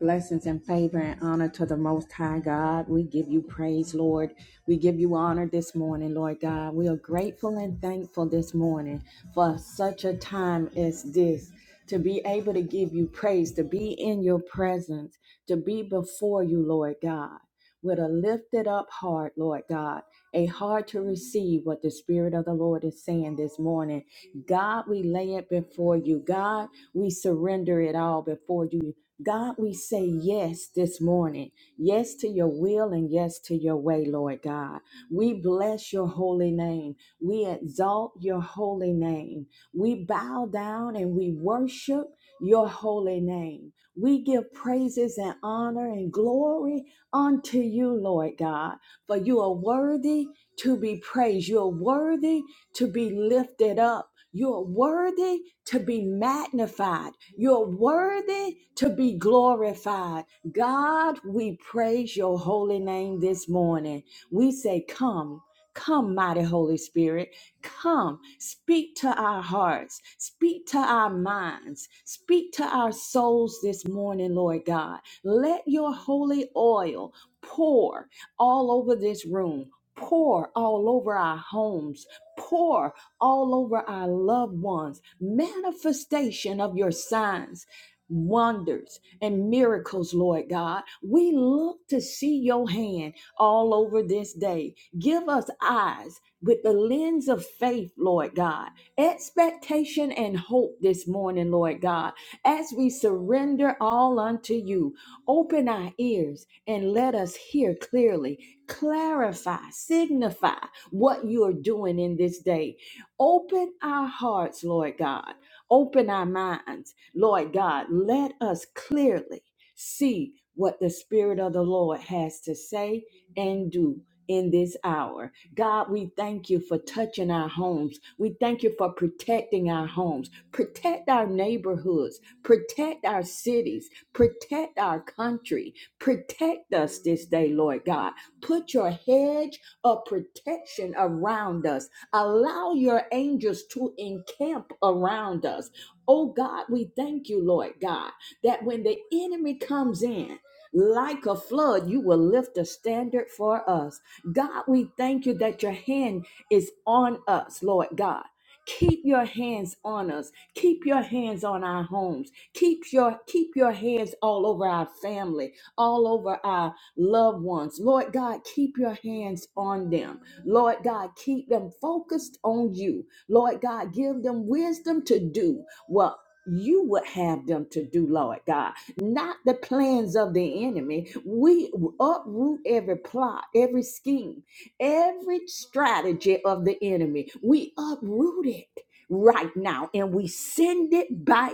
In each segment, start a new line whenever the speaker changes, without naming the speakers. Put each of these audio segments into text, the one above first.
Blessings and favor and honor to the Most High God. We give you praise, Lord. We give you honor this morning, Lord God. We are grateful and thankful this morning for such a time as this to be able to give you praise, to be in your presence, to be before you, Lord God, with a lifted up heart, Lord God, a heart to receive what the Spirit of the Lord is saying this morning. God, we lay it before you. God, we surrender it all before you. God, we say yes this morning. Yes to your will and yes to your way, Lord God. We bless your holy name. We exalt your holy name. We bow down and we worship your holy name. We give praises and honor and glory unto you, Lord God, for you are worthy to be praised. You are worthy to be lifted up. You're worthy to be magnified. You're worthy to be glorified. God, we praise your holy name this morning. We say, Come. Come, mighty Holy Spirit, come, speak to our hearts, speak to our minds, speak to our souls this morning, Lord God. Let your holy oil pour all over this room, pour all over our homes, pour all over our loved ones. Manifestation of your signs. Wonders and miracles, Lord God. We look to see your hand all over this day. Give us eyes with the lens of faith, Lord God, expectation and hope this morning, Lord God, as we surrender all unto you. Open our ears and let us hear clearly, clarify, signify what you are doing in this day. Open our hearts, Lord God. Open our minds, Lord God. Let us clearly see what the Spirit of the Lord has to say and do. In this hour, God, we thank you for touching our homes. We thank you for protecting our homes. Protect our neighborhoods. Protect our cities. Protect our country. Protect us this day, Lord God. Put your hedge of protection around us Allow your angels to encamp around us. Oh God, we thank you, Lord God, that when the enemy comes in, like a flood, you will lift a standard for us. God, we thank you that your hand is on us, Lord God. Keep your hands on us. Keep your hands on our homes. Keep your keep your hands all over our family, all over our loved ones. Lord God, keep your hands on them. Lord God, keep them focused on you. Lord God, give them wisdom to do what you would have them to do, Lord God, not the plans of the enemy. We uproot every plot, every scheme, every strategy of the enemy. We uproot it right now and we send it back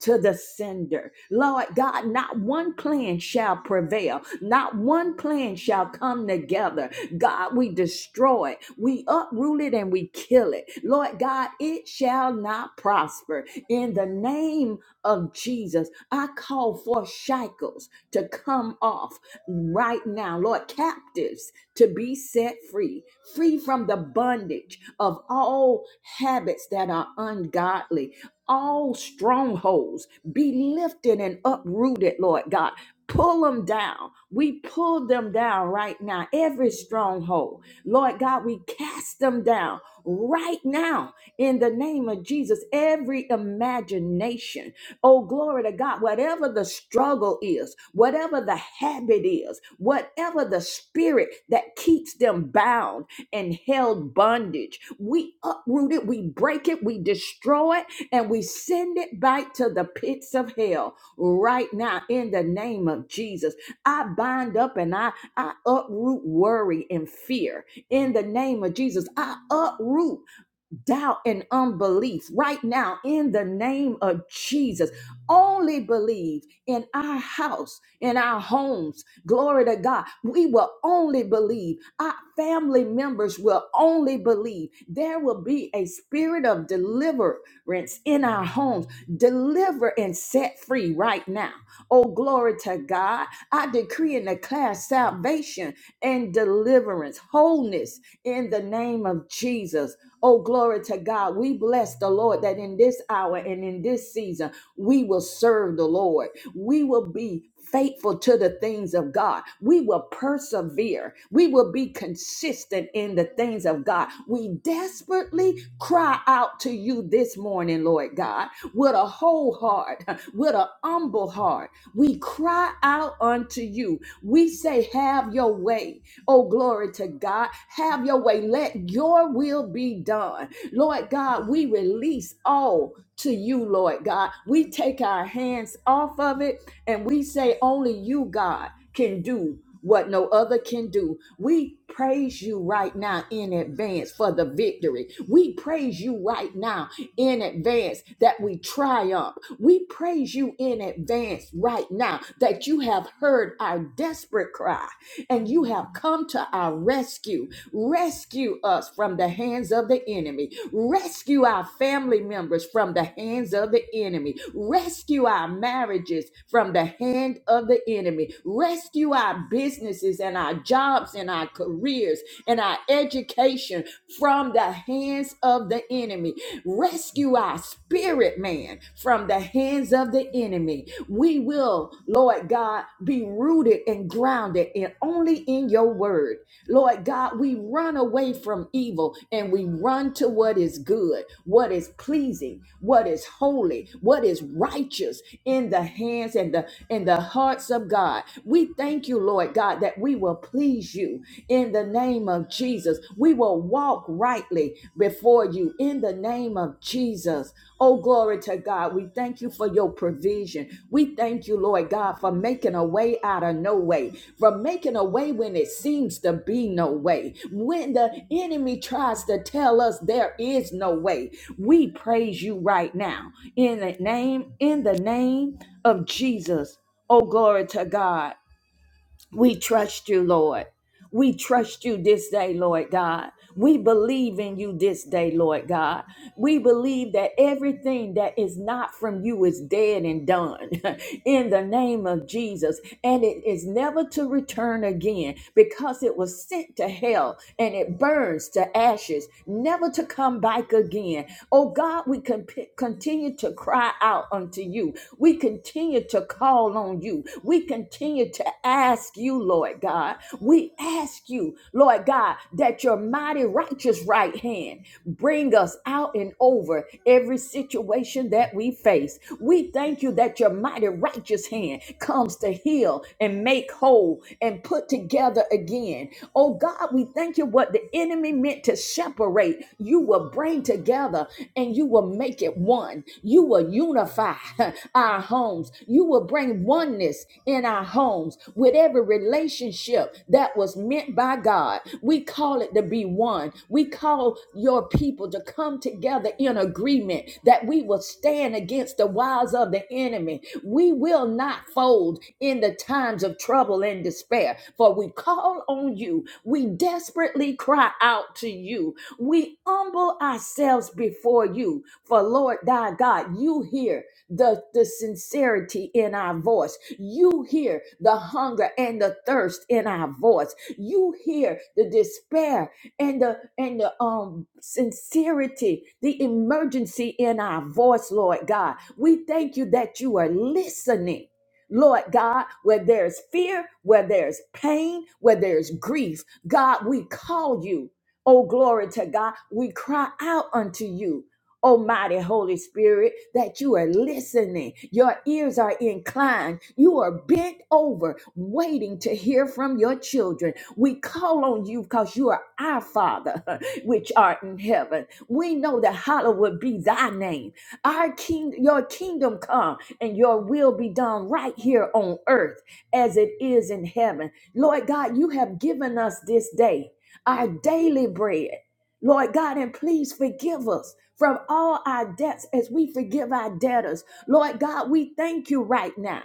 to the sender. Lord God, not one plan shall prevail, not one plan shall come together God, we destroy it. We uproot it and we kill it. Lord God, it shall not prosper. In the name of Jesus, I call for shackles to come off right now. Lord, captives to be set free, free from the bondage of all habits that are ungodly, all strongholds be lifted and uprooted, Lord God. Pull them down. We pull them down right now. Every stronghold. Lord God, we cast them down right now in the name of Jesus. Every imagination. Oh, glory to God. Whatever the struggle is, whatever the habit is, whatever the spirit that keeps them bound and held bondage, we uproot it, we break it, we destroy it, and we send it back to the pits of hell right now in the name of Jesus. I bind up and I, I uproot worry and fear in the name of Jesus. I uproot doubt and unbelief right now in the name of Jesus. Only believe in our house, in our homes. Glory to God. We will only believe. Our family members will only believe. There will be a spirit of deliverance in our homes. Deliver and set free right now. Oh, glory to God. I decree and declare salvation and deliverance, wholeness in the name of Jesus. Oh, glory to God. We bless the Lord that in this hour and in this season, we will serve the Lord. We will be faithful to the things of God. We will persevere. We will be consistent in the things of God. We desperately cry out to you this morning, Lord God, with a whole heart, with a humble heart. We cry out unto you. We say, Have your way. Oh, glory to God. Have your way. Let your will be done. Lord God, we release all to you, Lord God. We take our hands off of it and we say, only you, God, can do. What no other can do. We praise you right now in advance for the victory. We praise you right now in advance that we triumph. We praise you in advance right now that you have heard our desperate cry and you have come to our rescue. Rescue us from the hands of the enemy. Rescue our family members from the hands of the enemy. Rescue our marriages from the hand of the enemy. Rescue our businesses and our jobs and our careers and our education from the hands of the enemy. Rescue our spirit man from the hands of the enemy we will, Lord God, be rooted and grounded and only in your word. Lord God, we run away from evil and we run to what is good, what is pleasing, what is holy, what is righteous in the hands and the in the hearts of God. We thank you, Lord God, that we will please you in the name of Jesus. We will walk rightly before you in the name of Jesus. Oh, glory to God. We thank you for your provision. We thank you, Lord God, for making a way out of no way, for making a way when it seems to be no way. When the enemy tries to tell us there is no way, we praise you right now. In the name, in the name of Jesus. Oh, glory to God. We trust you, Lord. We trust you this day, Lord God. We believe in you this day, Lord God. We believe that everything that is not from you is dead and done. in the name of Jesus. And it is never to return again because it was sent to hell and it burns to ashes, never to come back again. Oh God, we can p- continue to cry out unto you. We continue to call on you. We continue to ask you, Lord God. We ask you, Lord God, that your mighty righteous right hand bring us out and over every situation that we face. We thank you that your mighty mighty righteous hand comes to heal and make whole and put together again. Oh God, we thank you what the enemy meant to separate, you will bring together and you will make it one. You will unify our homes. You will bring oneness in our homes with every relationship that was meant by God. We call it to be one. We call your people to come together in agreement that we will stand against the wiles of the enemy we will not fold in the times of trouble and despair, for we call on you. We desperately cry out to you. We humble ourselves before you, for Lord thy God, you hear the, the sincerity in our voice. You hear the hunger and the thirst in our voice. You hear the despair and the and the um sincerity, the emergency in our voice, Lord God. We thank you that you are listening. Lord God, where there's fear, where there's pain, where there's grief, God, we call you. Oh, glory to God. We cry out unto you. Almighty Holy Spirit, that you are listening. Your ears are inclined. You are bent over, waiting to hear from your children. We call on you because you are our Father, which art in heaven. We know that hallowed be thy name. Our king, your kingdom come, and your will be done right here on earth as it is in heaven. Lord God, you have given us this day. Our daily bread. Lord God, and please forgive us from all our debts as we forgive our debtors. Lord God, we thank you right now.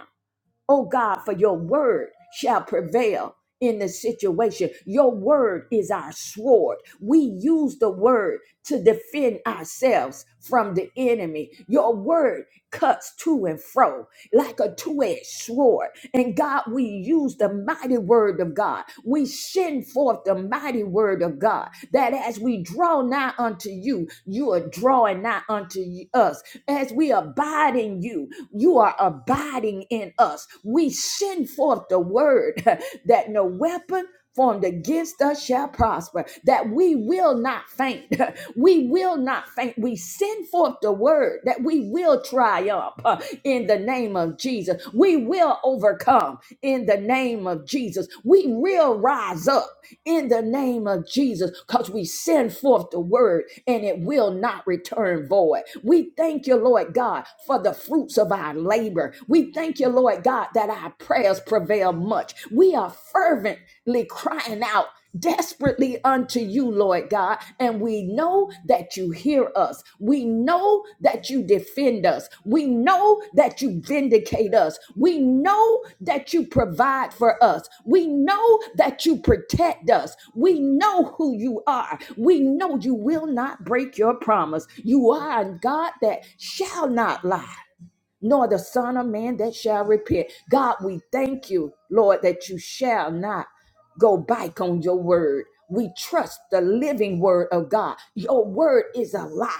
Oh God, for your word shall prevail in the situation. Your word is our sword. We use the word to defend ourselves from the enemy. Your word cuts to and fro like a two edged sword. And God, we use the mighty word of God. We send forth the mighty word of God that as we draw nigh unto you, you are drawing nigh unto us as we abide in you, you are abiding in us. We send forth the word that no weapon formed against us shall prosper, that we will not faint. We will not faint. We send forth the word that we will triumph uh, in the name of Jesus. We will overcome in the name of Jesus. We will rise up in the name of Jesus because we send forth the word and it will not return void. We thank you, Lord God, for the fruits of our labor. We thank you, Lord God, that our prayers prevail much. We are fervently crying out desperately unto you, Lord God, and we know that that you hear us. We know that you defend us. We know that you vindicate us. We know that you provide for us. We know that you protect us. We know who you are. We know you will not break your promise. You are a God that shall not lie nor the Son of Man that shall repent. God, we thank you, Lord, that you shall not go back on your word. We trust the living word of God. Your word is alive.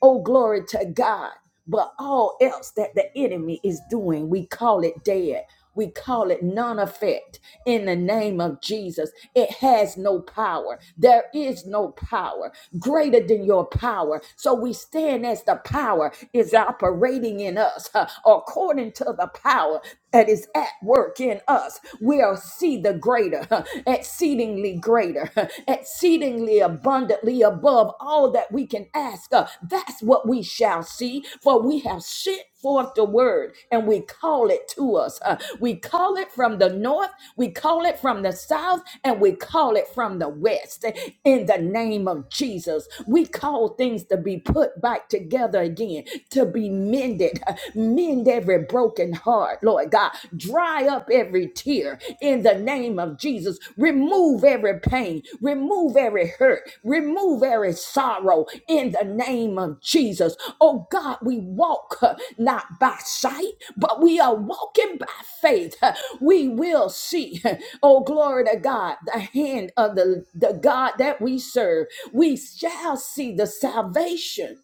Oh, glory to God. But all else that the enemy is doing, we call it dead. We call it non effect in the name of Jesus it has no power. There is no power greater than your power. So we stand as the power is operating in us huh, according to the power that is at work in us. We'll see the greater, huh, exceedingly greater, huh, exceedingly abundantly above all that we can ask. uh, That's what we shall see, for we have shit forth the word and we call it to us. Uh, we call it from the north, we call it from the south, and we call it from the west. In the name of Jesus, we call things to be put back together again, to be mended. Uh, Mend every broken heart, Lord God. Dry up every tear in the name of Jesus. Remove every pain, remove every hurt, remove every sorrow in the name of Jesus. Oh God, we walk uh, not by sight, but we are walking by faith. Uh, We will see, uh, oh glory to God, the hand of the, the God that we serve. We shall see the salvation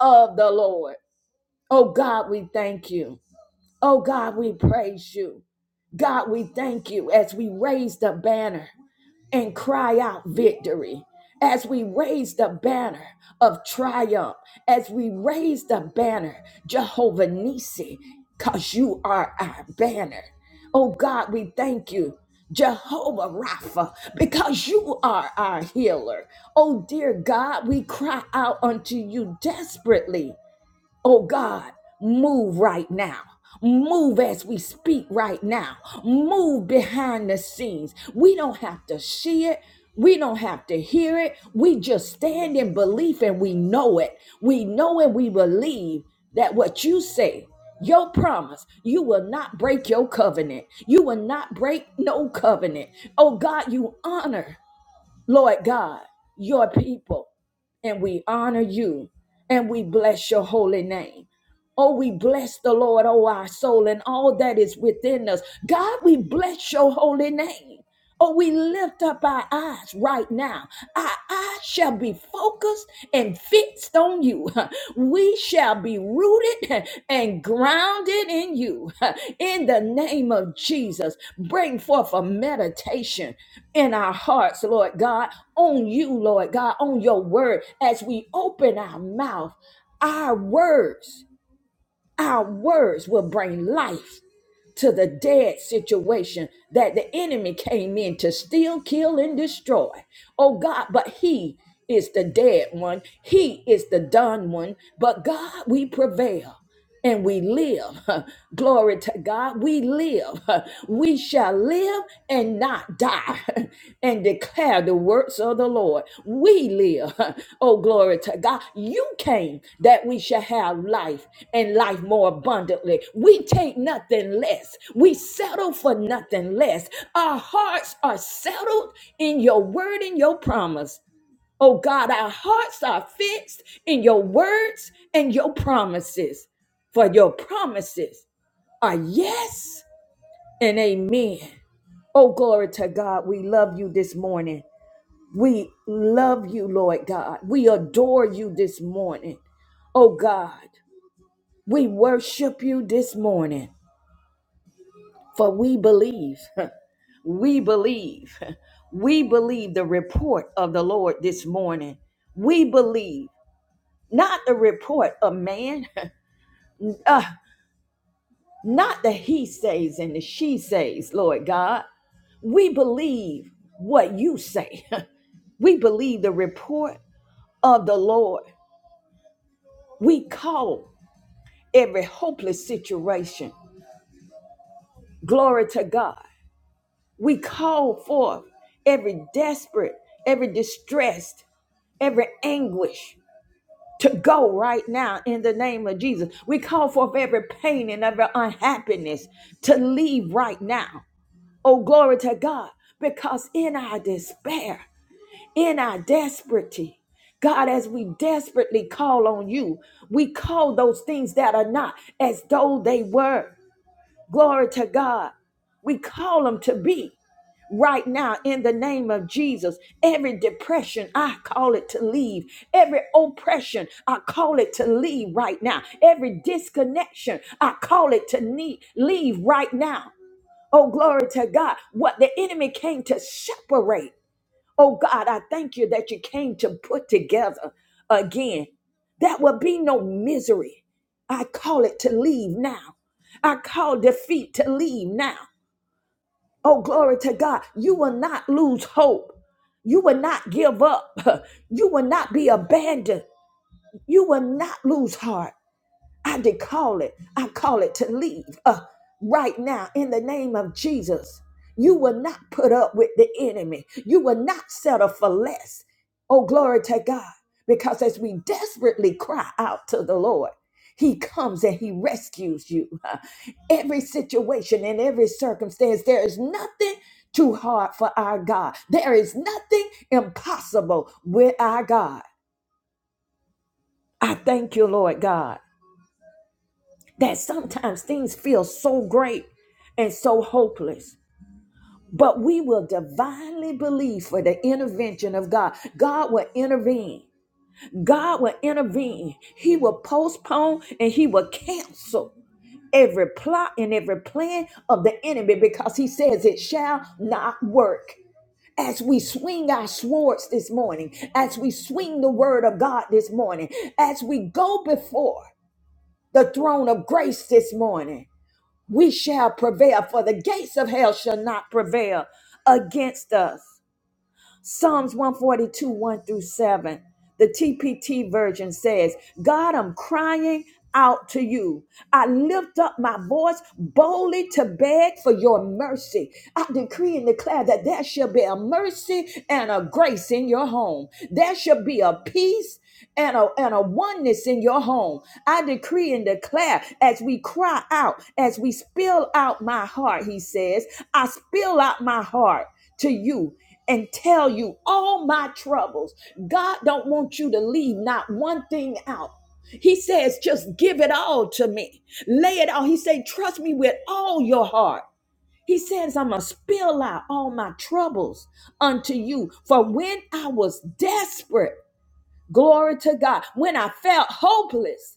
of the Lord. Oh God, we thank you. Oh God, we praise you. God, we thank you as we raise the banner and cry out victory. As we raise the banner of triumph, as we raise the banner, Jehovah Nissi, because you are our banner. Oh God, we thank you, Jehovah Rapha, because you are our healer. Oh dear God, we cry out unto you desperately. Oh God, move right now. Move as we speak right now. Move behind the scenes. We don't have to see it. We don't have to hear it. We just stand in belief and we know it. We know and we believe that what you say, your promise, you will not break your covenant. You will not break no covenant. Oh God, you honor. Lord God, your people, and we honor you and we bless your holy name. Oh, we bless the Lord, oh, our soul, and all that is within us. God, we bless your holy name. Oh, we lift up our eyes right now. Our eyes shall be focused and fixed on you. We shall be rooted and grounded in you. In the name of Jesus, bring forth a meditation in our hearts, Lord God, on you, Lord God, on your word. As we open our mouth, our words, our words will bring life to the dead situation that the enemy came in to steal, kill, and destroy. Oh God, but he is the dead one. He is the done one. But God, we prevail and we live. Glory to God. We live. We shall live and not die and declare the works of the Lord. We live. Oh, glory to God. You came that we shall have life and life more abundantly. We take nothing less. We settle for nothing less. Our hearts are settled in your word and your promise. Oh God, our hearts are fixed in your words and your promises. For your promises are yes and amen. Oh, glory to God. We love you this morning. We love you, Lord God. We adore you this morning. Oh, God. We worship you this morning. For we believe, we believe, we believe the report of the Lord this morning. We believe not the report of man, uh, not the he says and the she says, Lord God. We believe what you say. we believe the report of the Lord. We call every hopeless situation. Glory to God. We call forth every desperate, every distressed, every anguish to go right now in the name of Jesus. We call forth every pain and every unhappiness to leave right now. Oh, glory to God. Because in our despair, in our desperately. God, as we desperately call on you, we call those things that are not as though they were. Glory to God. We call them to be right now in the name of Jesus. Every depression, I call it to leave. Every oppression, I call it to leave right now. Every disconnection, I call it to need, leave right now. Oh, glory to God. What the enemy came to separate. Oh God, I thank you that you came to put together again. That will be no misery. I call it to leave now. I call defeat to leave now. Oh, glory to God. You will not lose hope. You will not give up. You will not be abandoned. You will not lose heart. I decall it. I call it to leave uh, right now in the name of Jesus. You will not put up with the enemy. You will not settle for less. Oh, glory to God. Because as we desperately cry out to the Lord, He comes and He rescues you. Huh. Every situation and every circumstance, there is nothing too hard for our God. There is nothing impossible with our God. I thank you, Lord God. that sometimes things feel so great and so hopeless. But we will divinely believe for the intervention of God. God will intervene. God will intervene. He will postpone and he will cancel every plot and every plan of the enemy because he says it shall not work. As we swing our swords this morning, as we swing the word of God this morning, as we go before the throne of grace this morning, we shall prevail, for the gates of hell shall not prevail against us. Psalms 142, 1 through 7. The TPT version says, God, I'm crying out to you. I lift up my voice boldly to beg for your mercy. I decree and declare that there shall be a mercy and a grace in your home. There shall be a peace and a, and a oneness in your home. I decree and declare as we cry out, as we spill out my heart, he says, I spill out my heart to you and tell you all my troubles. God don't want you to leave not one thing out. He says, just give it all to me. Lay it all. He said, trust me with all your heart. He says, I'm going to spill out all my troubles unto you. For when I was desperate, Glory to God. When I felt hopeless,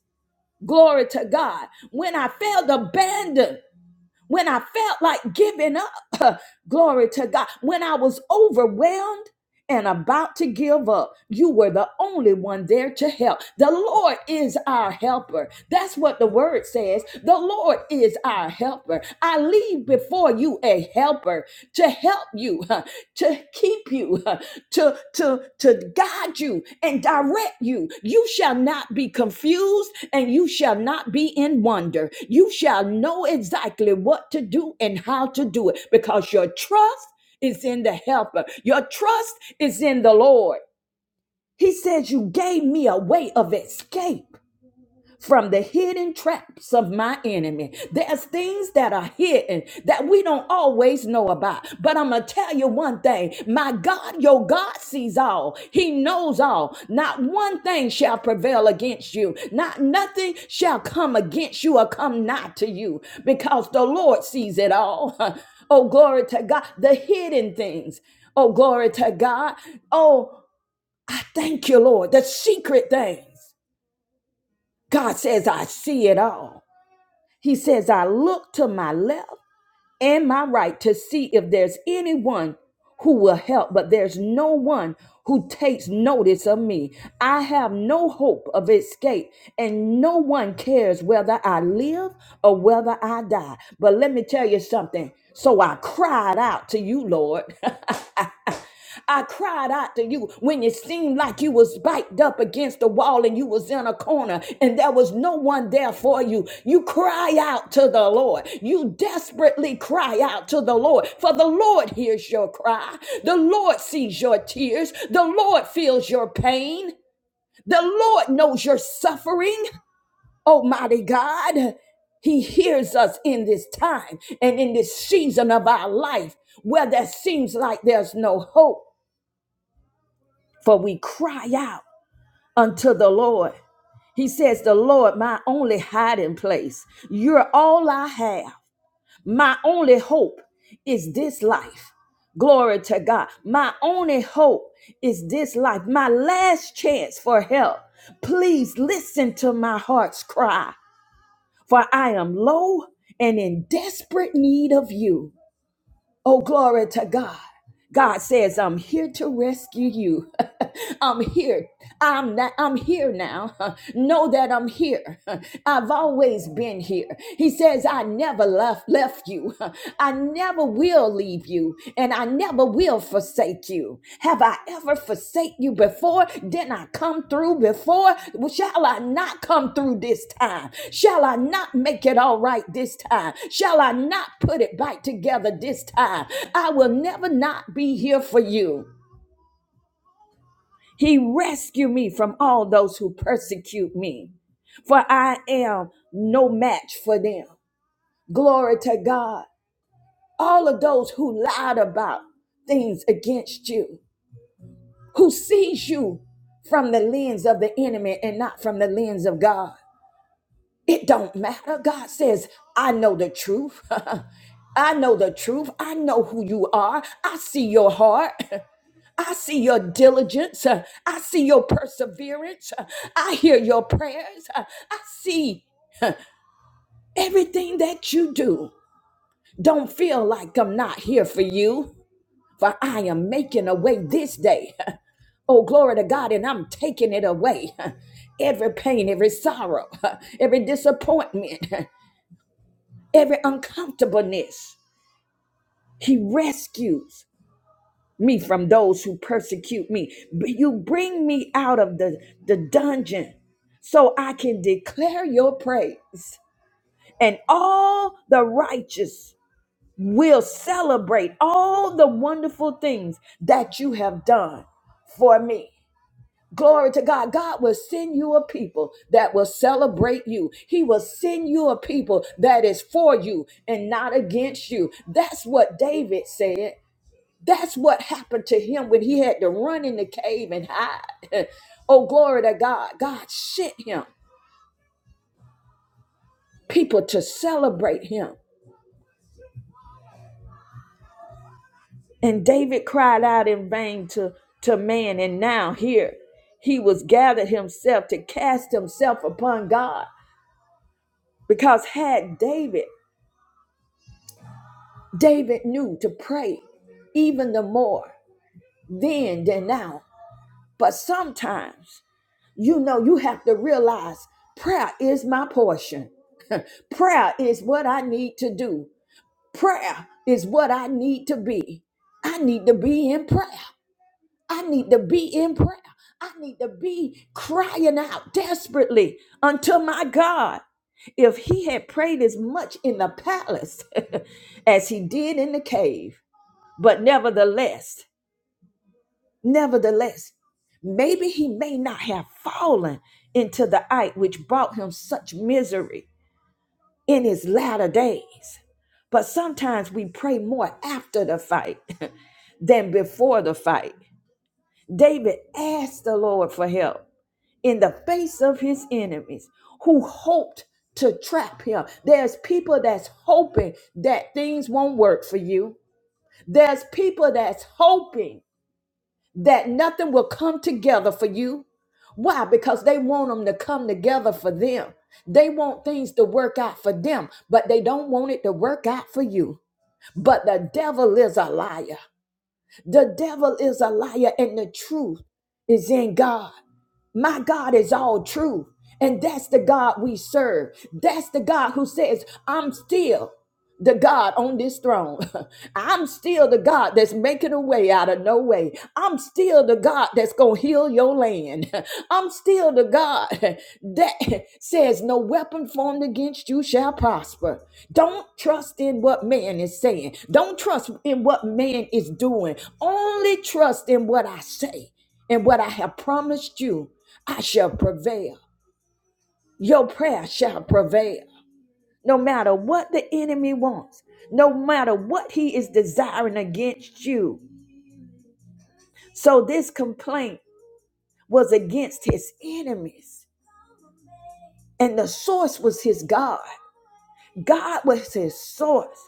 glory to God. When I felt abandoned, when I felt like giving up, glory to God. When I was overwhelmed, and about to give up, you were the only one there to help. The Lord is our helper. That's what the word says. The Lord is our helper. I leave before you a helper to help you, huh, to keep you, huh, to, to, to guide you and direct you. You shall not be confused and you shall not be in wonder. You shall know exactly what to do and how to do it because your trust is in the helper. Your trust is in the Lord. He says, You gave me a way of escape from the hidden traps of my enemy. There's things that are hidden that we don't always know about. But I'm going to tell you one thing my God, your God sees all, He knows all. Not one thing shall prevail against you, not nothing shall come against you or come nigh to you because the Lord sees it all. oh, glory to God. The hidden things. Oh, glory to God. Oh, I thank you, Lord. The secret things. God says, I see it all. He says, I look to my left and my right to see if there's anyone who will help, but there's no one who takes notice of me. I have no hope of escape, and no one cares whether I live or whether I die. But let me tell you something. So I cried out to you, Lord. I cried out to you when it seemed like you was backed up against the wall and you was in a corner and there was no one there for you. You cry out to the Lord. You desperately cry out to the Lord, for the Lord hears your cry. The Lord sees your tears. The Lord feels your pain. The Lord knows your suffering. Almighty God, he hears us in this time and in this season of our life where there seems like there's no hope for we cry out unto the Lord. He says, The Lord, my only hiding place. You're all I have. My only hope is this life. Glory to God. My only hope is this life. My last chance for help. Please listen to my heart's cry, for I am low and in desperate need of you. Oh, glory to God. God says, I'm here to rescue you. I'm here. I'm not, I'm here now. know that I'm here. I've always been here. He says, I never left left you. I never will leave you, and I never will forsake forsake you? Have I ever forsake you before? Didn't I come through before? Well, Shall I not come through this time? Shall I not make it all right this time? Shall I not put it back together this time? I will never not be here for you. He rescued me from all those who persecute me, for I am no match for them. Glory to God. All of those who lied about things against you. who sees you from the lens of the enemy and not from the lens of God. It don't matter. God says, I know the truth. I know the truth. I know who you are. I see your heart. I see your diligence. Uh, I see your perseverance. Uh, I hear your prayers. Uh, I see everything that you do. Don't feel like I'm not here for you, for I am making a way this day. Oh, glory to God, and I'm taking it away. Every pain, every sorrow, every disappointment, every uncomfortableness. He rescues me from those who persecute me. But You bring me out of the, the dungeon so I can declare your praise. And all the righteous will celebrate all the wonderful things that you have done for me. Glory to God. God will send you a people that will celebrate you. He will send you a people that is for you and not against you. That's what David said. That's what happened to him when he had to run in the cave and hide. oh, glory to God. God sent him people to celebrate him. And David cried out in vain to, to man. And now here he was gathered himself to cast himself upon God. Because had David David knew to pray even the more then than now. But sometimes, you know, you have to realize prayer is my portion. Prayer is what I need to do. Prayer is what I need to be. I need to be in prayer. I need to be in prayer. I need to be crying out desperately unto my God. If he had prayed as much in the palace as he did in the cave, but nevertheless, nevertheless, maybe he may not have fallen into the eye which brought him such misery in his latter days. But sometimes we pray more after the fight than before the fight. David asked the Lord for help in the face of his enemies who hoped to trap him. There's people that's hoping that things won't work for you. There's people that's hoping that nothing will come together for you. Why? Because they want them to come together for them. They want things to work out for them, but they don't want it to work out for you. But the devil is a liar. The devil is a liar, and the truth is in God. My God is all truth. And that's the God we serve. That's the God who says, I'm still the God on this throne. I'm still the God that's making a way out of no way. I'm still the God that's going to heal your land. I'm still the God that says, No weapon formed against you shall prosper. Don't trust in what man is saying. Don't trust in what man is doing. Only trust in what I say and what I have promised you. I shall prevail. Your prayer shall prevail. No matter what the enemy wants, no matter what he is desiring against you. So this complaint was against his enemies, and the source was his God. God was his source.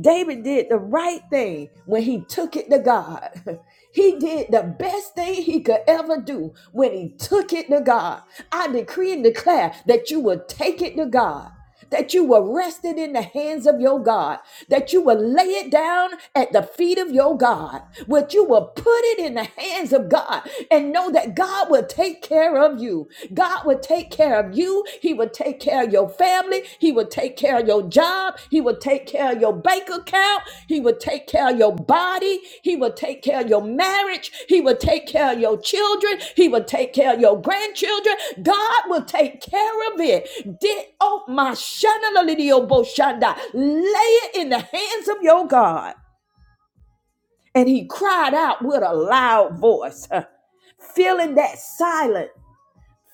David did the right thing when he took it to God. He did the best thing he could ever do when he took it to God. I decree and declare that you will take it to God. That you will rest it in the hands of your God, that you will lay it down at the feet of your God, that you will put it in the hands of God and know that God will take care of you. God will take care of you. He will take care of your family. He will take care of your job. He will take take care of your bank account. He will take care of your body. He will take care of your marriage. He will take care of your children. He will take care of your grandchildren. God will take care of it. Di- Oh, my shanalidioboshanda. Lay it in the hands of your God. And he cried out with a loud voice, filling that silence.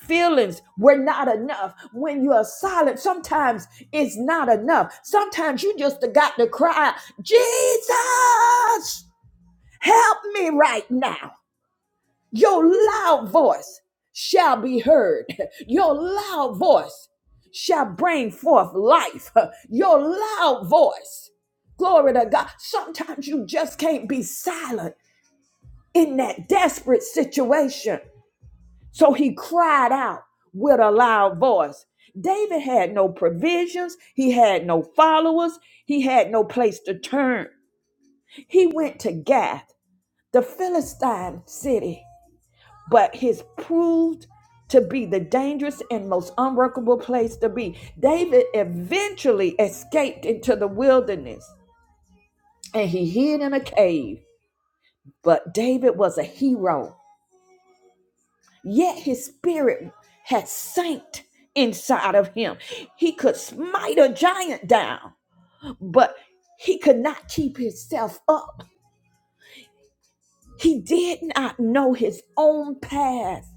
Feelings were not enough. When you are silent, sometimes it's not enough. Sometimes you just got to cry, Jesus, help me right now. Your loud voice shall be heard. Your loud voice shall bring forth life. Your loud voice. Glory to God. Sometimes you just can't be silent in that desperate situation. So he cried out with a loud voice. David had no provisions, he had no followers, he had no place to turn. He went to Gath, the Philistine city, but his proved to be the dangerous and most unworkable place to be. David eventually escaped into the wilderness and he hid in a cave. But David was a hero yet his spirit had sank inside of him. He could smite a giant down, but he could not keep himself up. He did not know his own path,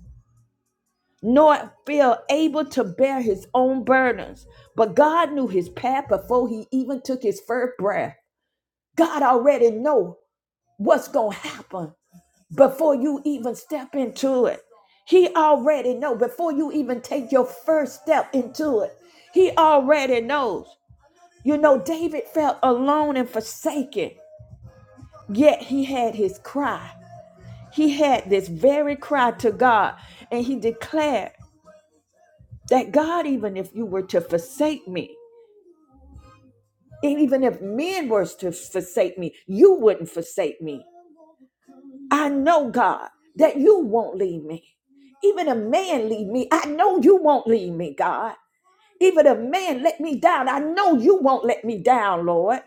nor feel able to bear his own burdens. But God knew his path before he even took his first breath. God already know what's going to happen before you even step into it. He already knows. before you even take your first step into it. He already knows. You know, David felt alone and forsaken, yet he had his cry. He had this very cry to God, and he declared that God, even if you were to forsake me, and even if men were to forsake me, you wouldn't forsake me. I know, God, that you won't leave me. Even a man leave me. I know you won't leave me, God. Even a man let me down. I know you won't let me down, Lord.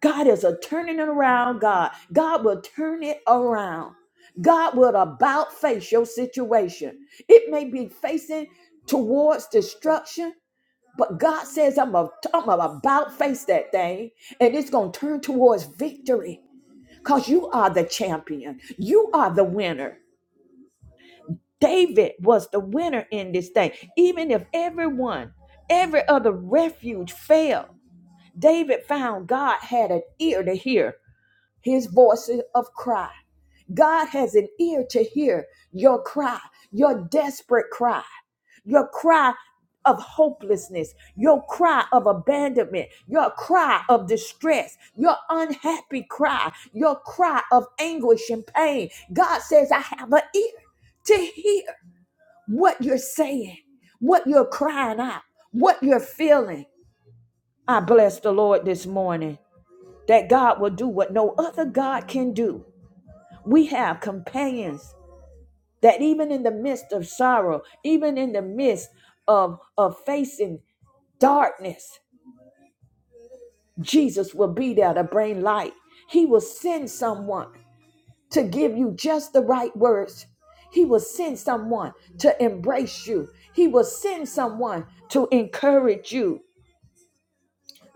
God is a turning it around, God. God will turn it around. God will about face your situation. It may be facing towards destruction, but God says, I'm, a, I'm about face that thing, and it's going to turn towards victory because you are the champion. You are the winner. David was the winner in this thing. Even if everyone, every other refuge failed, David found God had an ear to hear his voices of cry. God has an ear to hear your cry, your desperate cry, your cry of hopelessness, your cry of abandonment, your cry of distress, your unhappy cry, your cry of anguish and pain. God says, I have an ear to hear what you're saying, what you're crying out, what you're feeling. I bless the Lord this morning that God will do what no other God can do. We have companions that even in the midst of sorrow, even in the midst of, of facing darkness, Jesus will be there to bring light. He will send someone to give you just the right words. He will send someone to embrace you. He will send someone to encourage you.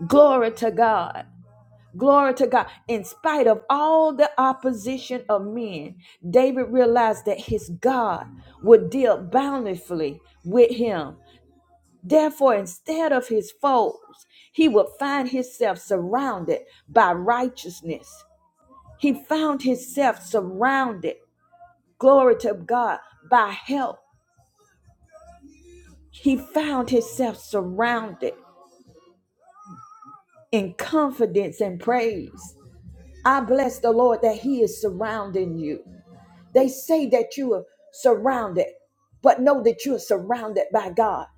Glory to God. Glory to God. In spite of all the opposition of men, David realized that his God would deal bountifully with him Therefore, instead of his foes, he would find himself surrounded by righteousness. He found himself surrounded, glory to God, by help. He found himself surrounded in confidence and praise. I bless the Lord that he is surrounding you. They say that you are surrounded, but know that you are surrounded by God.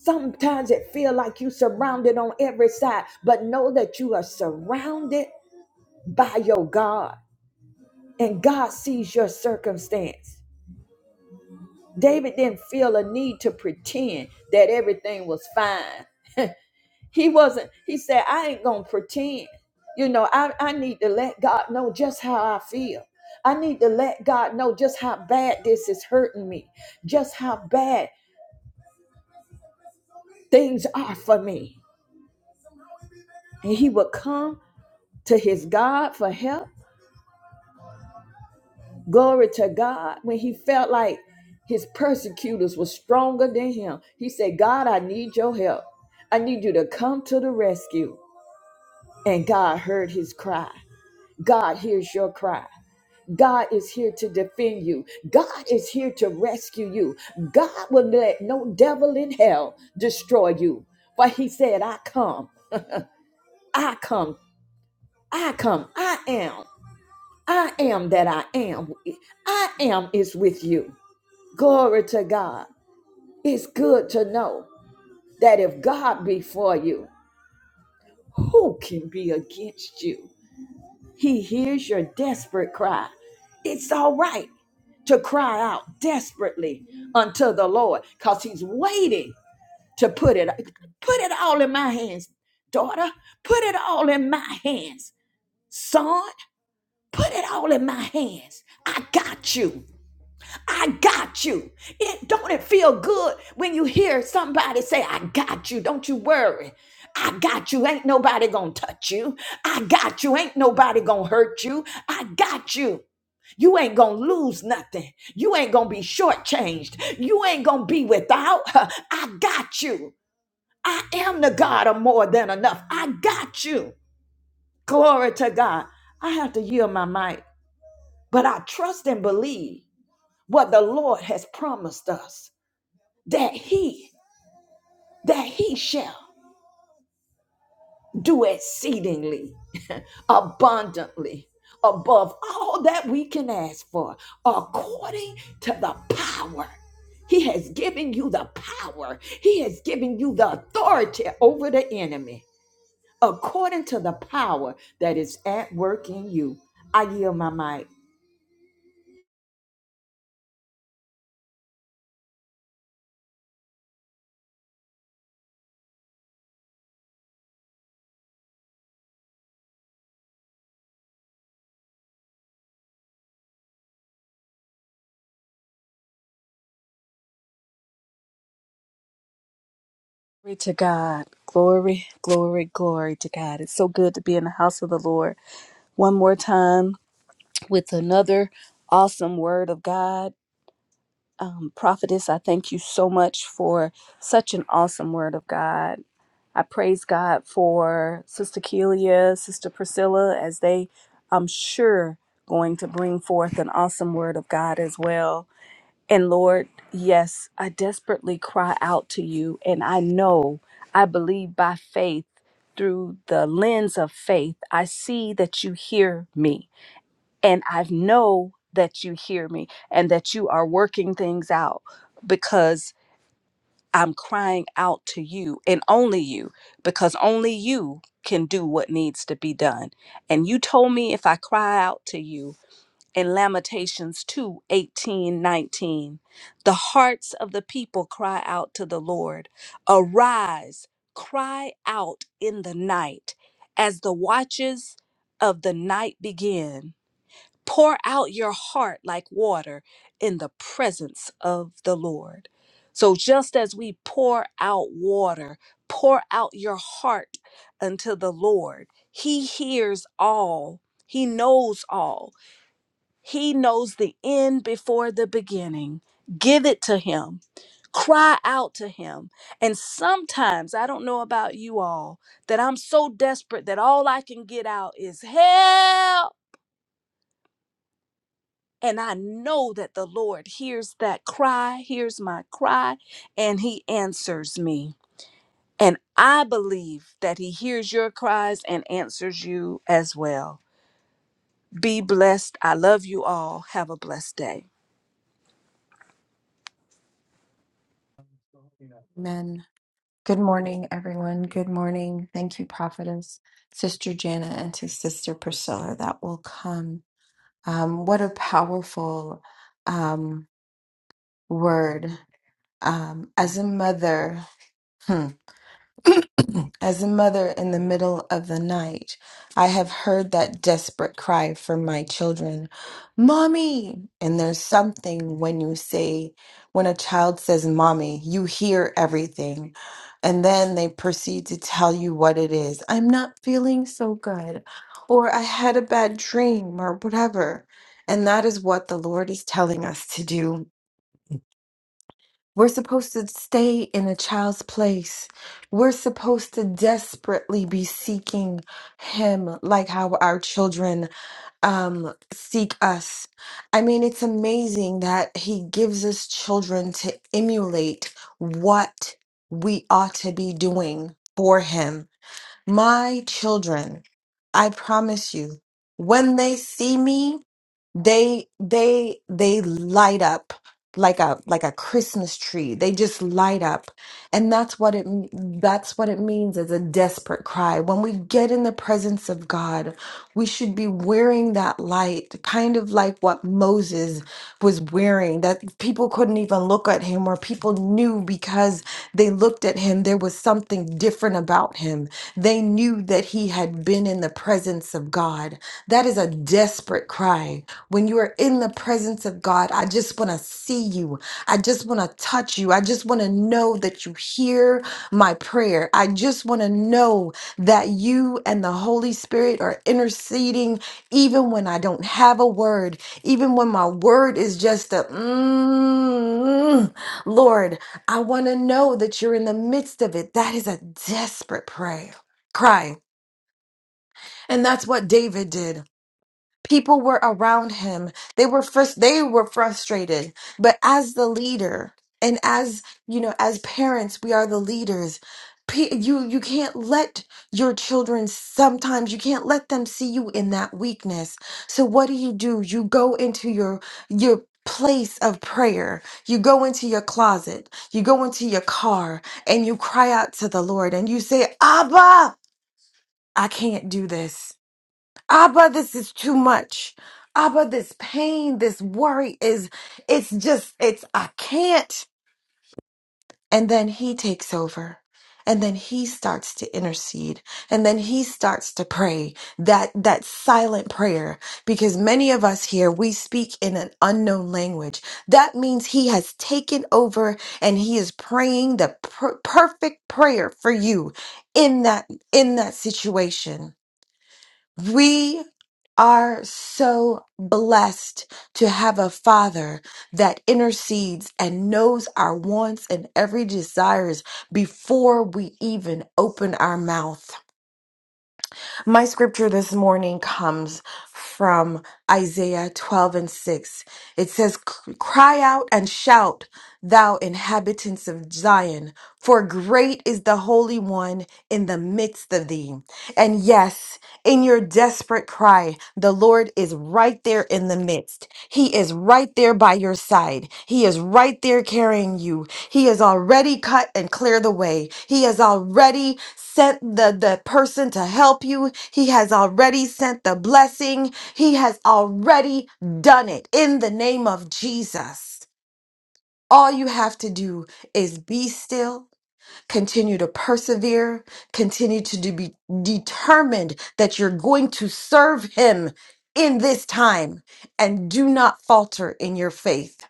Sometimes it feels like you are surrounded on every side, but know that you are surrounded by your God and God sees your circumstance. David didn't feel a need to pretend that everything was fine. He wasn't, he said, I ain't gonna pretend. You know, I, I need to let God know just how I feel. I need to let God know just how bad this is hurting me, just how bad things are for me. And he would come to his God for help Glory to God. When he felt like his persecutors were stronger than him, he said, God, I need your help. I need you to come to the rescue. And God heard his cry. God hears your cry. God is here to defend you. God is here to rescue you. God will let no devil in hell destroy you. For he said, I come, I come, I come, I am, I am that I am. I am is with you. Glory to God. It's good to know that if God be for you, who can be against you? He hears your desperate cry. It's all right to cry out desperately unto the Lord because he's waiting to put it put it all in my hands, daughter. Put it all in my hands. Son, put it all in my hands. I got you. I got you. It, don't it feel good when you hear somebody say, I got you. Don't you worry. I got you. Ain't nobody going to touch you. I got you. Ain't nobody going to hurt you. I got you. You ain't going to lose nothing. You ain't going to be shortchanged. You ain't going to be without. I got you. I am the God of more than enough. I got you. Glory to God. I have to yield my mic, but I trust and believe what the Lord has promised us that he that he shall do exceedingly abundantly above all that we can ask for according to the power he has given you the power he has given you the authority over the enemy according to the power that is at work in you i yield my mic
Glory to God. Glory, glory, glory to God. It's so good to be in the house of the Lord one more time with another awesome word of God. Um, prophetess, I thank you so much for such an awesome word of God. I praise God for Sister Kelia, Sister Priscilla, as they, I'm sure, going to bring forth an awesome word of God as well. And Lord, yes, I desperately cry out to you. And I know, I believe by faith, through the lens of faith, I see that you hear me. And I know that you hear me and that you are working things out because I'm crying out to you and only you, because only you can do what needs to be done. And you told me if I cry out to you, in Lamentations 2 18 19, The hearts of the people cry out to the Lord. Arise, cry out in the night as the watches of the night begin. Pour out your heart like water in the presence of the Lord. So, just as we pour out water, pour out your heart unto the Lord. He hears all, He knows all he knows the end before the beginning. Give it to Him. Cry out to Him. And sometimes, I don't know about you all, that I'm so desperate that all I can get out is help. And I know that the Lord hears that cry, hears my cry, and He answers me. And I believe that He hears your cries and answers you as well. Be blessed. I love you all. Have a blessed day.
Amen. Good morning, everyone. Good morning. Thank you, Prophetess, Sister Jana, and to Sister Priscilla that will come. Um, what a powerful um, word. Um, as a mother, As a mother in the middle of the night, I have heard that desperate cry from my children, Mommy! And there's something when you say, when a child says, Mommy, you hear everything. And then they proceed to tell you what it is. I'm not feeling so good, or I had a bad dream, or whatever. And that is what the Lord is telling us to do we're supposed to stay in a child's place. We're supposed to desperately be seeking Him, like how our children um, seek us. I mean, it's amazing that He gives us children to emulate what we ought to be doing for Him. My children, I promise you, when they see me, they they they light up like a like a Christmas tree. They just light up. And that's what it that's what it means as a desperate cry. When we get in the presence of God, we should be wearing that light, kind of like what Moses was wearing, that people couldn't even look at him or people knew because they looked at him there was something different about him. They knew that he had been in the presence of God. That is a desperate cry when you are in the presence of God, I just want to see you. I just want to touch you. I just want to know that you hear my prayer. I just want to know that you and the Holy Spirit are interceding even when I don't have a word, even when my word is just a mm, Lord, I want to know that you're in the midst of it. That is a desperate prayer, cry. And that's what David did people were around him they were frus- they were frustrated but as the leader and as you know as parents we are the leaders P- you you can't let your children sometimes you can't let them see you in that weakness so what do you do you go into your your place of prayer you go into your closet you go into your car and you cry out to the lord and you say abba i can't do this Abba, this is too much. Abba, this pain, this worry is, it's just, it's, I can't. And then he takes over. And then he starts to intercede. And then he starts to pray that, that silent prayer. Because many of us here, we speak in an unknown language. That means he has taken over and he is praying the per- perfect prayer for you in that, in that situation. We are so blessed to have a father that intercedes and knows our wants and every desires before we even open our mouth. My scripture this morning comes from Isaiah 12 and 6. It says, Cry out and shout, thou inhabitants of Zion, for great is the Holy One in the midst of thee. And yes, in your desperate cry, the Lord is right there in the midst. He is right there by your side. He is right there carrying you. He has already cut and cleared the way. He has already sent the, the person to help you. He has already sent the blessing. He has already done it in the name of Jesus. All you have to do is be still, continue to persevere, continue to de- be determined that you're going to serve Him in this time, and do not falter in your faith.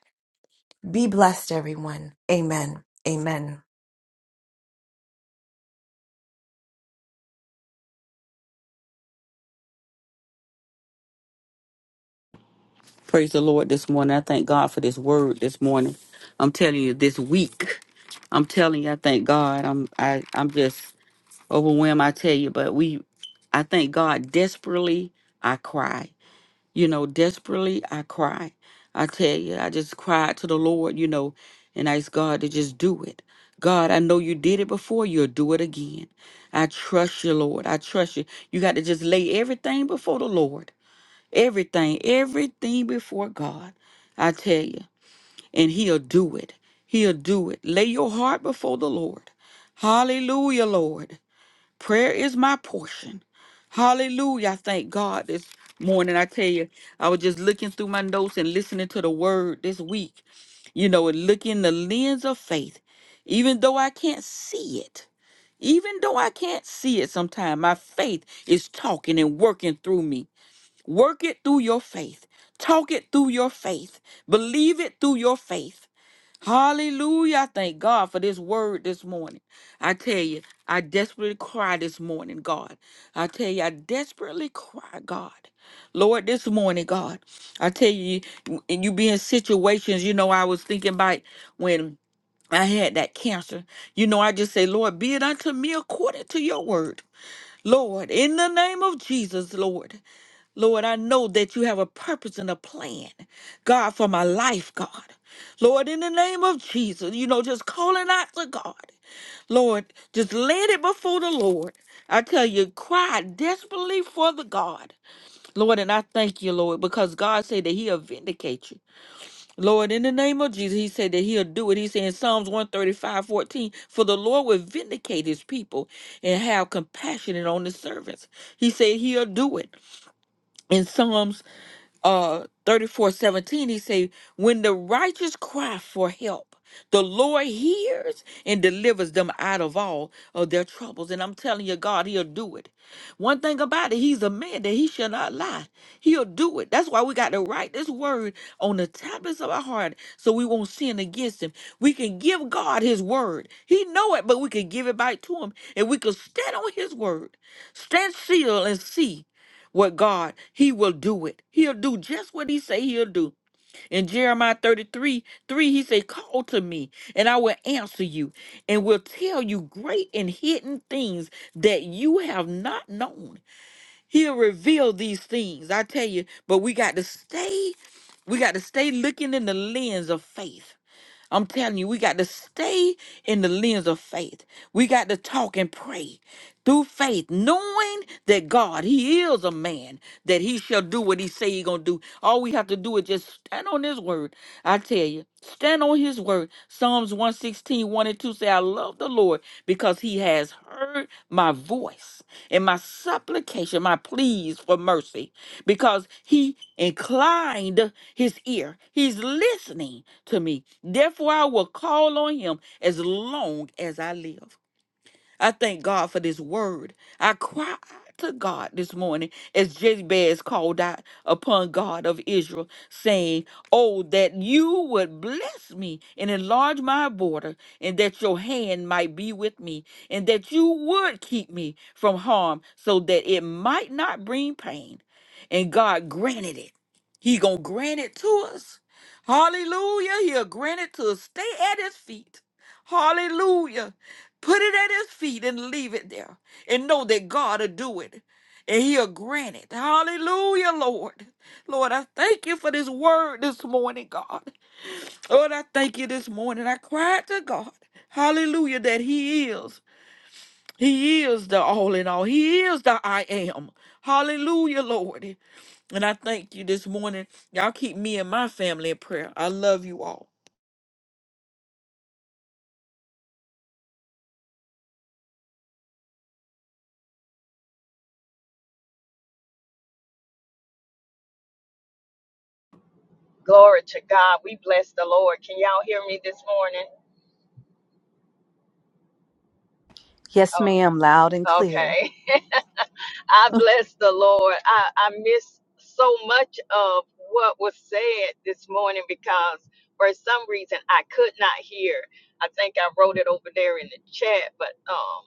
Be blessed, everyone. Amen. Amen.
Praise the Lord this morning. I thank God for this word this morning. I'm telling you, this week, I'm telling you, I thank God. I'm I I'm just overwhelmed. I tell you, but we, I thank God desperately. I cry, you know, desperately. I cry. I tell you, I just cried to the Lord, you know, and asked God to just do it. God, I know you did it before. You'll do it again. I trust you, Lord. I trust you. You got to just lay everything before the Lord Everything, everything before God, I tell you, and He'll do it. He'll do it. Lay your heart before the Lord. Hallelujah, Lord. Prayer is my portion. Hallelujah. I thank God this morning. I tell you, I was just looking through my notes and listening to the word this week, you know, and looking the lens of faith, even though I can't see it. Even though I can't see it sometimes, my faith is talking and working through me. Work it through your faith. Talk it through your faith. Believe it through your faith. Hallelujah. I thank God for this word this morning. I tell you, I desperately cry this morning, God. I tell you, I desperately cry, God. Lord, this morning, God. I tell you, and you be in situations, you know, I was thinking about when I had that cancer. You know, I just say, Lord, be it unto me according to your word. Lord, in the name of Jesus, Lord, Lord, I know that you have a purpose and a plan, God, for my life, God. Lord, in the name of Jesus, you know, just calling out to God. Lord, just laid it before the Lord. I tell you, cry desperately for the God. Lord, and I thank you, Lord, because God said that He'll vindicate you. Lord, in the name of Jesus, he said that he'll do it. He said in Psalms one thirty-five fourteen: for the Lord will vindicate his people and have compassion on his servants. He said he'll do it. In Psalms uh 34 seventeen, he say when the righteous cry for help the lord hears and delivers them out of all of their troubles and i'm telling you god he'll do it one thing about it he's a man that he shall not lie he'll do it that's why we got to write this word on the tablets of our heart so we won't sin against him we can give god his word he know it but we can give it back to him and we can stand on his word stand still and see with God, he will do it. He'll do just what he say he'll do. In Jeremiah 33, 3, he say, call to me and I will answer you and will tell you great and hidden things that you have not known. He'll reveal these things. I tell you, but we got to stay, we got to stay looking in the lens of faith I'm telling you, we got to stay in the lens of faith. We got to talk and pray through faith, knowing that God, He is a man, that He shall do what He say He gonna do. All we have to do is just stand on His word. I tell you, stand on His word. Psalms one sixteen, one and 2 say, I love the Lord because He has heard my voice and my supplication, my pleas for mercy because he inclined his ear. He's listening to me. Therefore, I will call on him as long as I live. I thank God for this word. I cried to God this morning as Jezebel called out upon God of Israel, saying, Oh, that you would bless me and enlarge my border, and that your hand might be with me, and that you would keep me from harm so that it might not bring pain. And God granted it. He gonna grant it to us. Hallelujah. He'll grant it to us. Stay at his feet. Hallelujah. Put it at his feet and leave it there. And know that God will do it. And he'll grant it. Hallelujah, Lord. Lord, I thank you for this word this morning, God. Lord, I thank you this morning. I cried to God. Hallelujah, that he is. He is the all in all. He is the I am. Hallelujah, Lord. And I thank you this morning. Y'all keep me and my family in prayer. I love you all.
Glory to God. We bless the Lord. Can y'all hear me this morning?
Yes, ma'am, loud and
Oh,
clear.
okay. I bless the Lord. I, I miss so much of what was said this morning because for some reason I could not hear. I think I wrote it over there in the chat, but um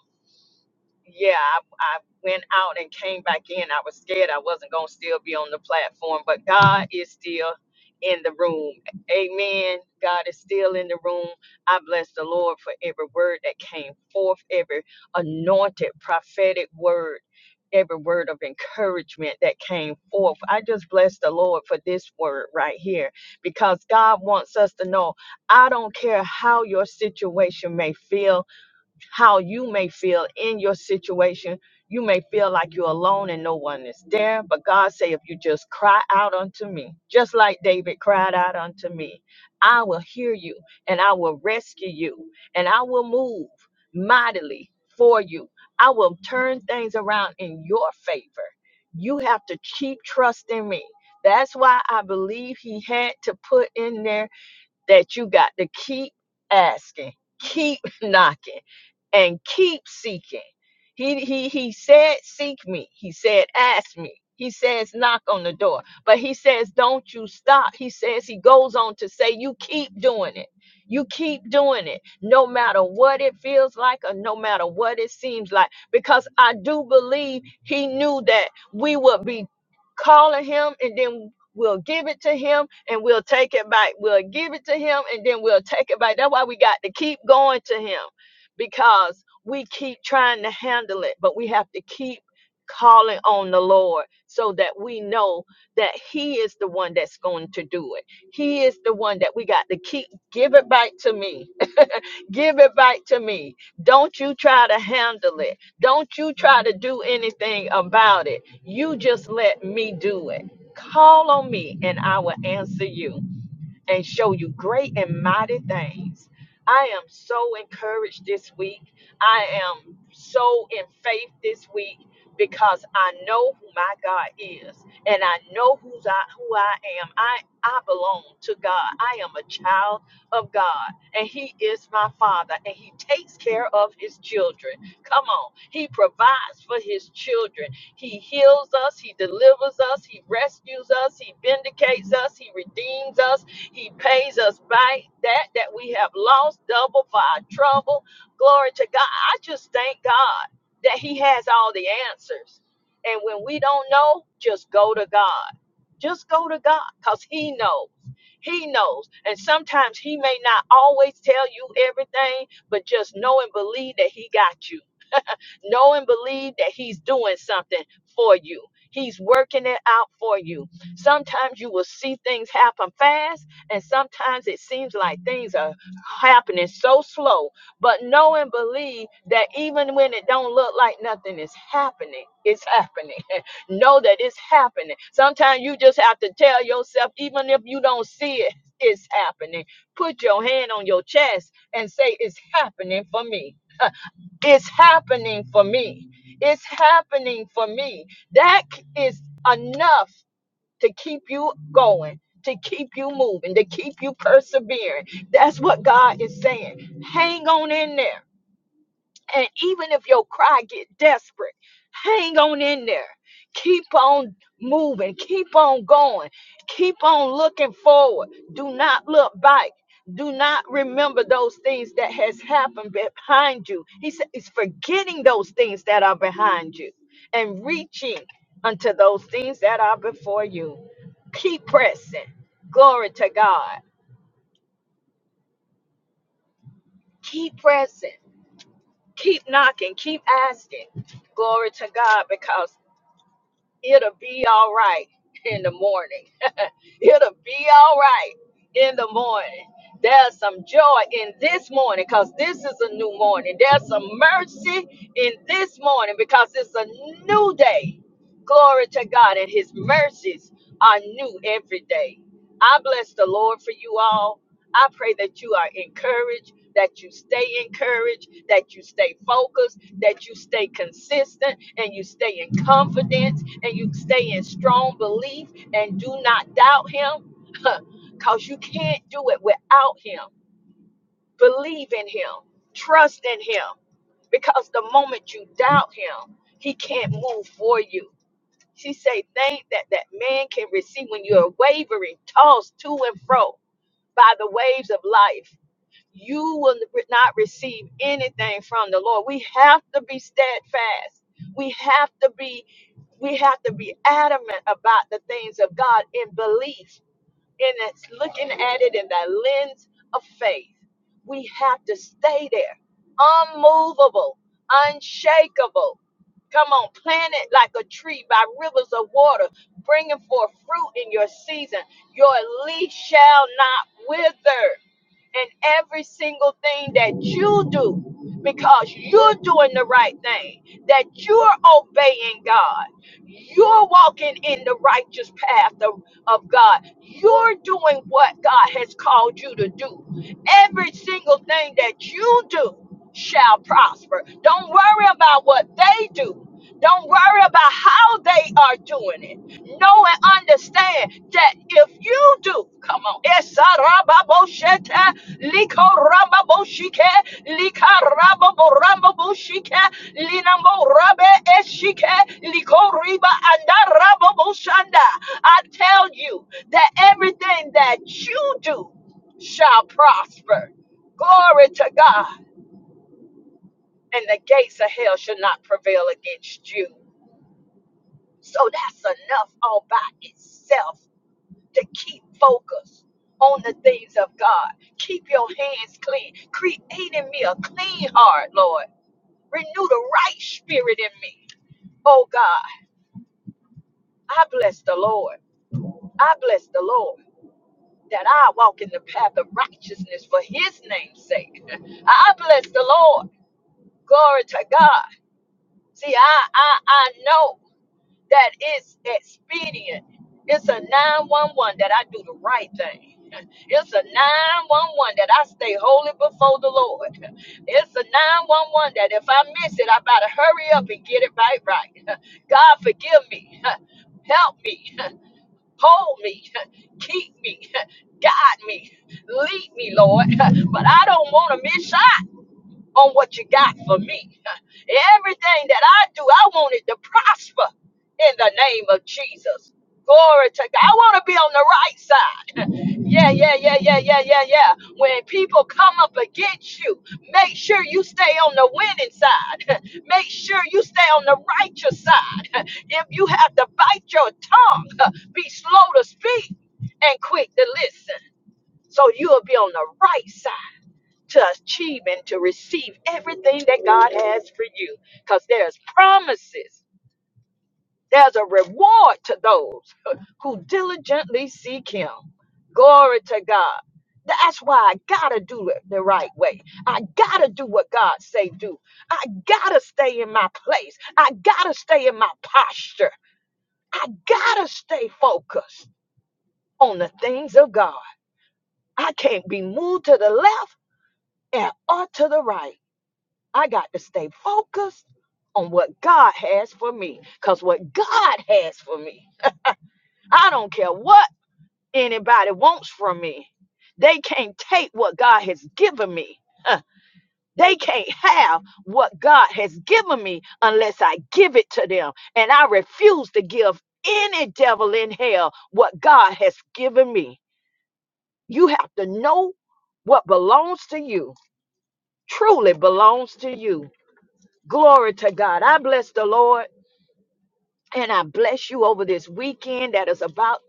yeah, I, I went out and came back in. I was scared I wasn't going to still be on the platform, but God is still in the room. Amen. God is still in the room. I bless the Lord for every word that came forth, every anointed prophetic word. Every word of encouragement that came forth. I just bless the Lord for this word right here because God wants us to know I don't care how your situation may feel, how you may feel in your situation. You may feel like you're alone and no one is there, but God say if you just cry out unto me, just like David cried out unto me, I will hear you and I will rescue you and I will move mightily for you. I will turn things around in your favor. You have to keep trusting me. That's why I believe he had to put in there that you got to keep asking, keep knocking, and keep seeking. He he he said, seek me. He said, ask me. He says, knock on the door. But he says, don't you stop. He says, he goes on to say, you keep doing it. You keep doing it, no matter what it feels like or no matter what it seems like. Because I do believe he knew that we would be calling him and then We'll give it to him and we'll take it back. We'll give it to him and then we'll take it back. That's why we got to keep going to him because we keep trying to handle it, but we have to keep calling on the Lord so that we know that he is the one that's going to do it. He is the one that we got to keep give it back to me Give it back to me. Don't you try to handle it. Don't you try to do anything about it. You just let me do it. Call on me and I will answer you and show you great and mighty things. I am so encouraged this week. I am so in faith this week because I know who my God is and I know who's I, who I am. I, I belong to God. I am a child of God and He is my Father and He takes care of His children. Come on. He provides for His children. He heals us, He delivers us, He rescues us, He vindicates us, He redeems us. He pays us back that that we have lost double for our trouble. Glory to God. I just thank God that he has all the answers. And when we don't know, just go to God. Just go to God cuz he knows. He knows. And sometimes he may not always tell you everything, but just know and believe that he got you. Know and believe that He's doing something for you. He's working it out for you. Sometimes you will see things happen fast, and sometimes it seems like things are happening so slow. But know and believe that even when it don't look like nothing is happening, it's happening. know that it's happening. Sometimes you just have to tell yourself, even if you don't see it, it's happening. Put your hand on your chest and say, It's happening for me. It's happening for me. It's happening for me. That c- is enough to keep you going, to keep you moving, to keep you persevering. That's what God is saying. Hang on in there. And even if your cry get desperate, hang on in there. Keep on moving. Keep on going. Keep on looking forward. Do not look back. Do not remember those things that has happened behind you. He said it's forgetting those things that are behind you and reaching unto those things that are before you. Keep pressing. Glory to God. Keep pressing. Keep knocking. Keep asking. Glory to God because it'll be all right in the morning. it'll be all right in the morning. There's some joy in this morning because this is a new morning. There's some mercy in this morning because it's a new day. Glory to God, and His mercies are new every day. I bless the Lord for you all. I pray that you are encouraged, that you stay encouraged, that you stay focused, that you stay consistent, and you stay in confidence, and you stay in strong belief, and do not doubt Him, because you can't do it without Him. Believe in Him, trust in Him, because the moment you doubt Him, He can't move for you. She say, "Think that that man can receive when you're wavering, tossed to and fro." by the waves of life. You will not receive anything from the Lord. We have to be steadfast. We have to be we have to be adamant about the things of God in belief and it's looking at it in that lens of faith. We have to stay there, unmovable, unshakable. Come on, plant it like a tree by rivers of water, bringing forth fruit in your season. Your leaf shall not wither in every single thing that you do because you're doing the right thing, that you're obeying God, you're walking in the righteous path of, of God, you're doing what God has called you to do. Every single thing that you do shall prosper. Don't worry about what they do. Don't worry about how they are doing it. Know and understand that if you do, come on, Esarababosheta, Likorababoshike, Likarababorambaboshike, Linamorabe Eshike, Likoriba Andarababoshanda. I tell you that everything that you do shall prosper. Glory to God and the gates of hell shall not prevail against you. So that's enough all by itself to keep focus on the things of God. Keep your hands clean. Create in me a clean heart, Lord. Renew the right spirit in me. Oh God, I bless the Lord. I bless the Lord that I walk in the path of righteousness for his name's sake. I bless the Lord. Glory to God. See, I I I know. that it's expedient. It's a 911 that I do the right thing. It's a 911 that I stay holy before the Lord. It's a 911 that if I miss it, I better hurry up and get it right right. God forgive me. Help me. Hold me. Keep me. Guide me. Lead me, Lord. But I don't want to miss shot on what you got for me. Everything that I do, I want it to prosper in the name of Jesus. Glory to God. I want to be on the right side. Yeah, yeah, yeah, yeah, yeah, yeah, yeah. When people come up against you, make sure you stay on the winning side. Make sure you stay on the righteous side. If you have to bite your tongue, be slow to speak and quick to listen. So you'll be on the right side to achieve and to receive everything that God has for you. Because there's promises, there's a reward to those who diligently seek Him. Glory to God. That's why I gotta do it the right way. I gotta do what God say do. I gotta stay in my place. I gotta stay in my posture. I gotta stay focused on the things of God. I can't be moved to the left and or to the right. I got to stay focused on what God has for me. Because what God has for me, I don't care what anybody wants from me. They can't take what God has given me. Huh. They can't have what God has given me unless I give it to them. And I refuse to give any devil in hell what God has given me. You have to know what belongs to you, truly belongs to you. Glory to God. I bless the Lord and I bless you over this weekend that is about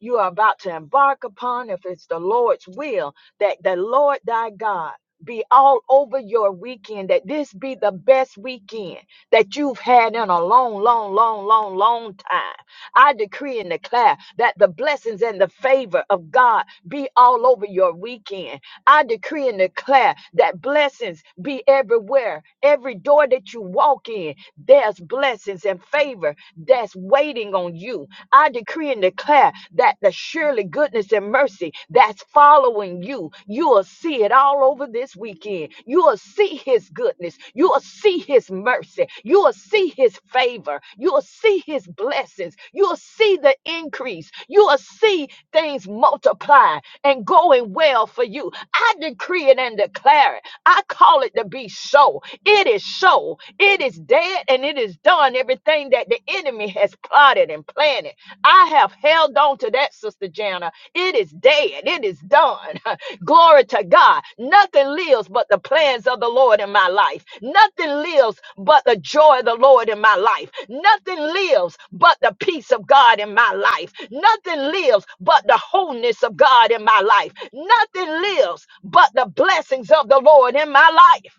you are about to embark upon if it's the Lord's will that the Lord thy God be all over your weekend, that this be the best weekend that you've had in a long, long, long, long, long time. I decree and declare that the blessings and the favor of God be all over your weekend. I decree and declare that blessings be everywhere. Every door that you walk in, there's blessings and favor that's waiting on you. I decree and declare that the surely surely goodness and mercy that's following you. You will see it all over this weekend. You will see his goodness. You will see his mercy. You will see his favor. You will see his blessings. You will see the increase. You will see things multiply and going well for you. I decree it and declare it. I call it to be so. It is so. It is dead and it is done. Everything that thing that the enemy has plotted and planted. I have held on to that, Sister Jana. It is dead. It is done. Glory to God. Nothing lives but the plans of the Lord in my life. Nothing lives but the joy of the Lord in my life. Nothing lives but the peace of God in my life. Nothing lives but the wholeness of God in my life. Nothing lives but the blessings of the Lord in my life.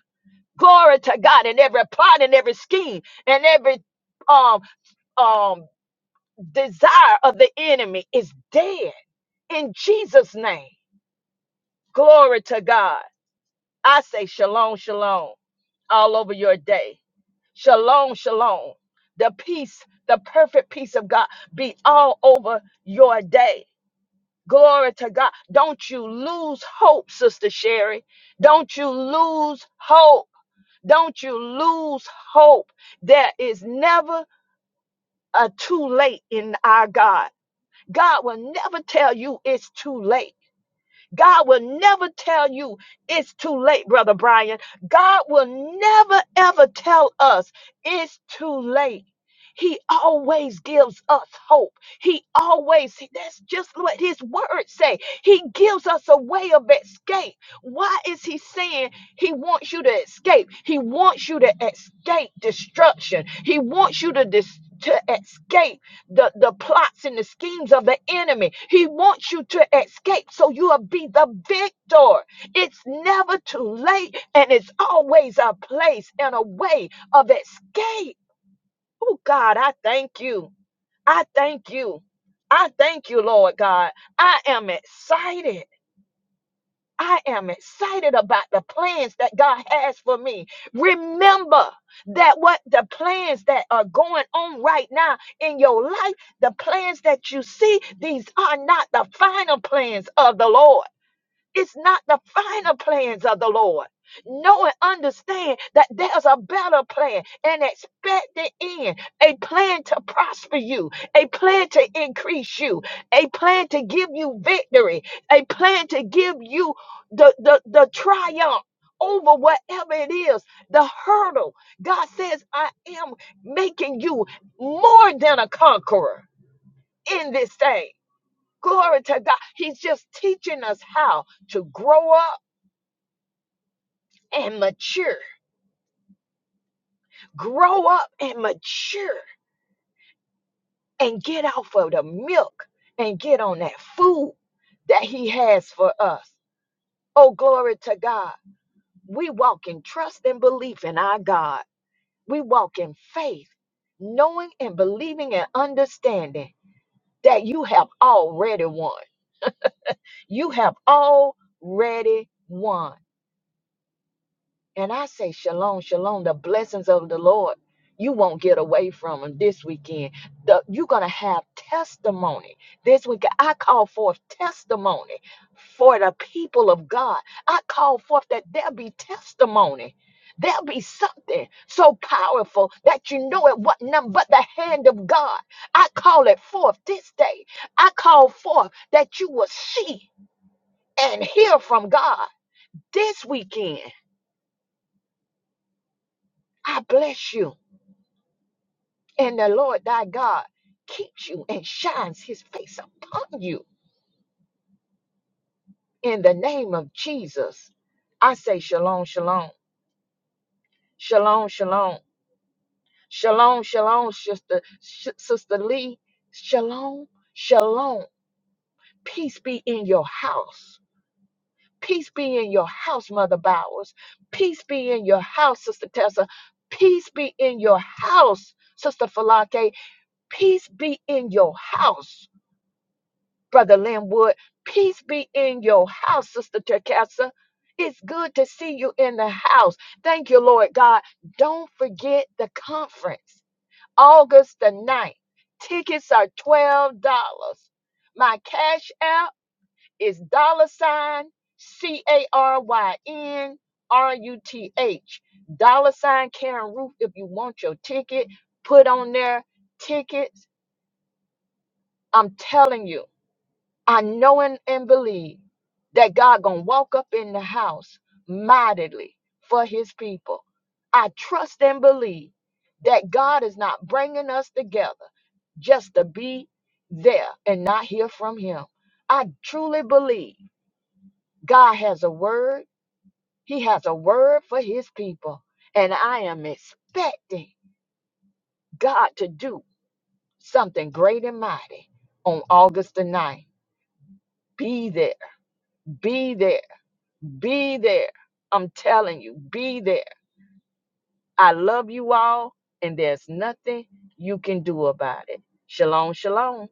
Glory to God And every plot and every scheme and every um um desire of the enemy is dead in Jesus' name. Glory to God. I say shalom, shalom all over your day. Shalom, shalom. The peace, the perfect peace of God be all over your day. Glory to God. Don't you lose hope, Sister Sherry. Don't you lose hope. Don't you lose hope. There is never a too late in our God. God will never tell you it's too late. God will never tell you it's too late, Brother Brian. God will never, ever tell us it's too late. He always gives us hope. He always, that's just what his words say. He gives us a way of escape. Why is he saying he wants you to escape? He wants you to escape destruction. He wants you to, dis- to escape the, the plots and the schemes of the enemy. He wants you to escape so you'll be the victor. It's never too late, and it's always a place and a way of escape. Oh, God, I thank you. I thank you. I thank you, Lord God. I am excited. I am excited about the plans that God has for me. Remember that what the plans that are going on right now in your life, the plans that you see, these are not the final plans of the Lord. It's not the final plans of the Lord. Know and understand that there's a better plan, an expected end, a plan to prosper you, a plan to increase you, a plan to give you victory, a plan to give you the, the, the triumph over whatever it is, the hurdle. God says, I am making you more than a conqueror in this thing. Glory to God. He's just teaching us how to grow up and mature, grow up and mature, and get off of the milk and get on that food that He has for us. Oh, glory to God. We walk in trust and belief in our God. We walk in faith, knowing and believing and understanding that you have already won. You have already won. And I say, Shalom, Shalom, the blessings of the Lord. You won't get away from them this weekend. The- you're going to have testimony. This week, I call forth testimony for the people of God. I call forth that there will be testimony. There'll be something so powerful that you know it wasn't nothing but the hand of God. I call it forth this day. I call forth that you will see and hear from God this weekend. I bless you. And the Lord thy God keeps you and shines his face upon you. In the name of Jesus, I say shalom, shalom, shalom, shalom, shalom, shalom, sister, Sh- sister Lee, shalom, shalom. Peace be in your house. Peace be in your house, Mother Bowers. Peace be in your house, Sister Tessa. Peace be in your house, Sister Falake. Peace be in your house. Brother Linwood. Peace be in your house, Sister Terkessa. It's good to see you in the house. Thank you, Lord God. Don't forget the conference, August the ninth. Tickets are $12. My cash app is dollar sign C A R Y N R U T H. Dollar sign Karen Roof. If you want your ticket, put on there tickets. I'm telling you. I know and, and believe that God gonna walk up in the house mightily for His people. I trust and believe that God is not bringing us together just to be there and not hear from Him. I truly believe God has a word. He has a word for His people, and I am expecting God to do something great and mighty on August the ninth. Be there. Be there Be there. I'm telling you, be there. I love you all, and there's nothing you can do about it. Shalom, shalom.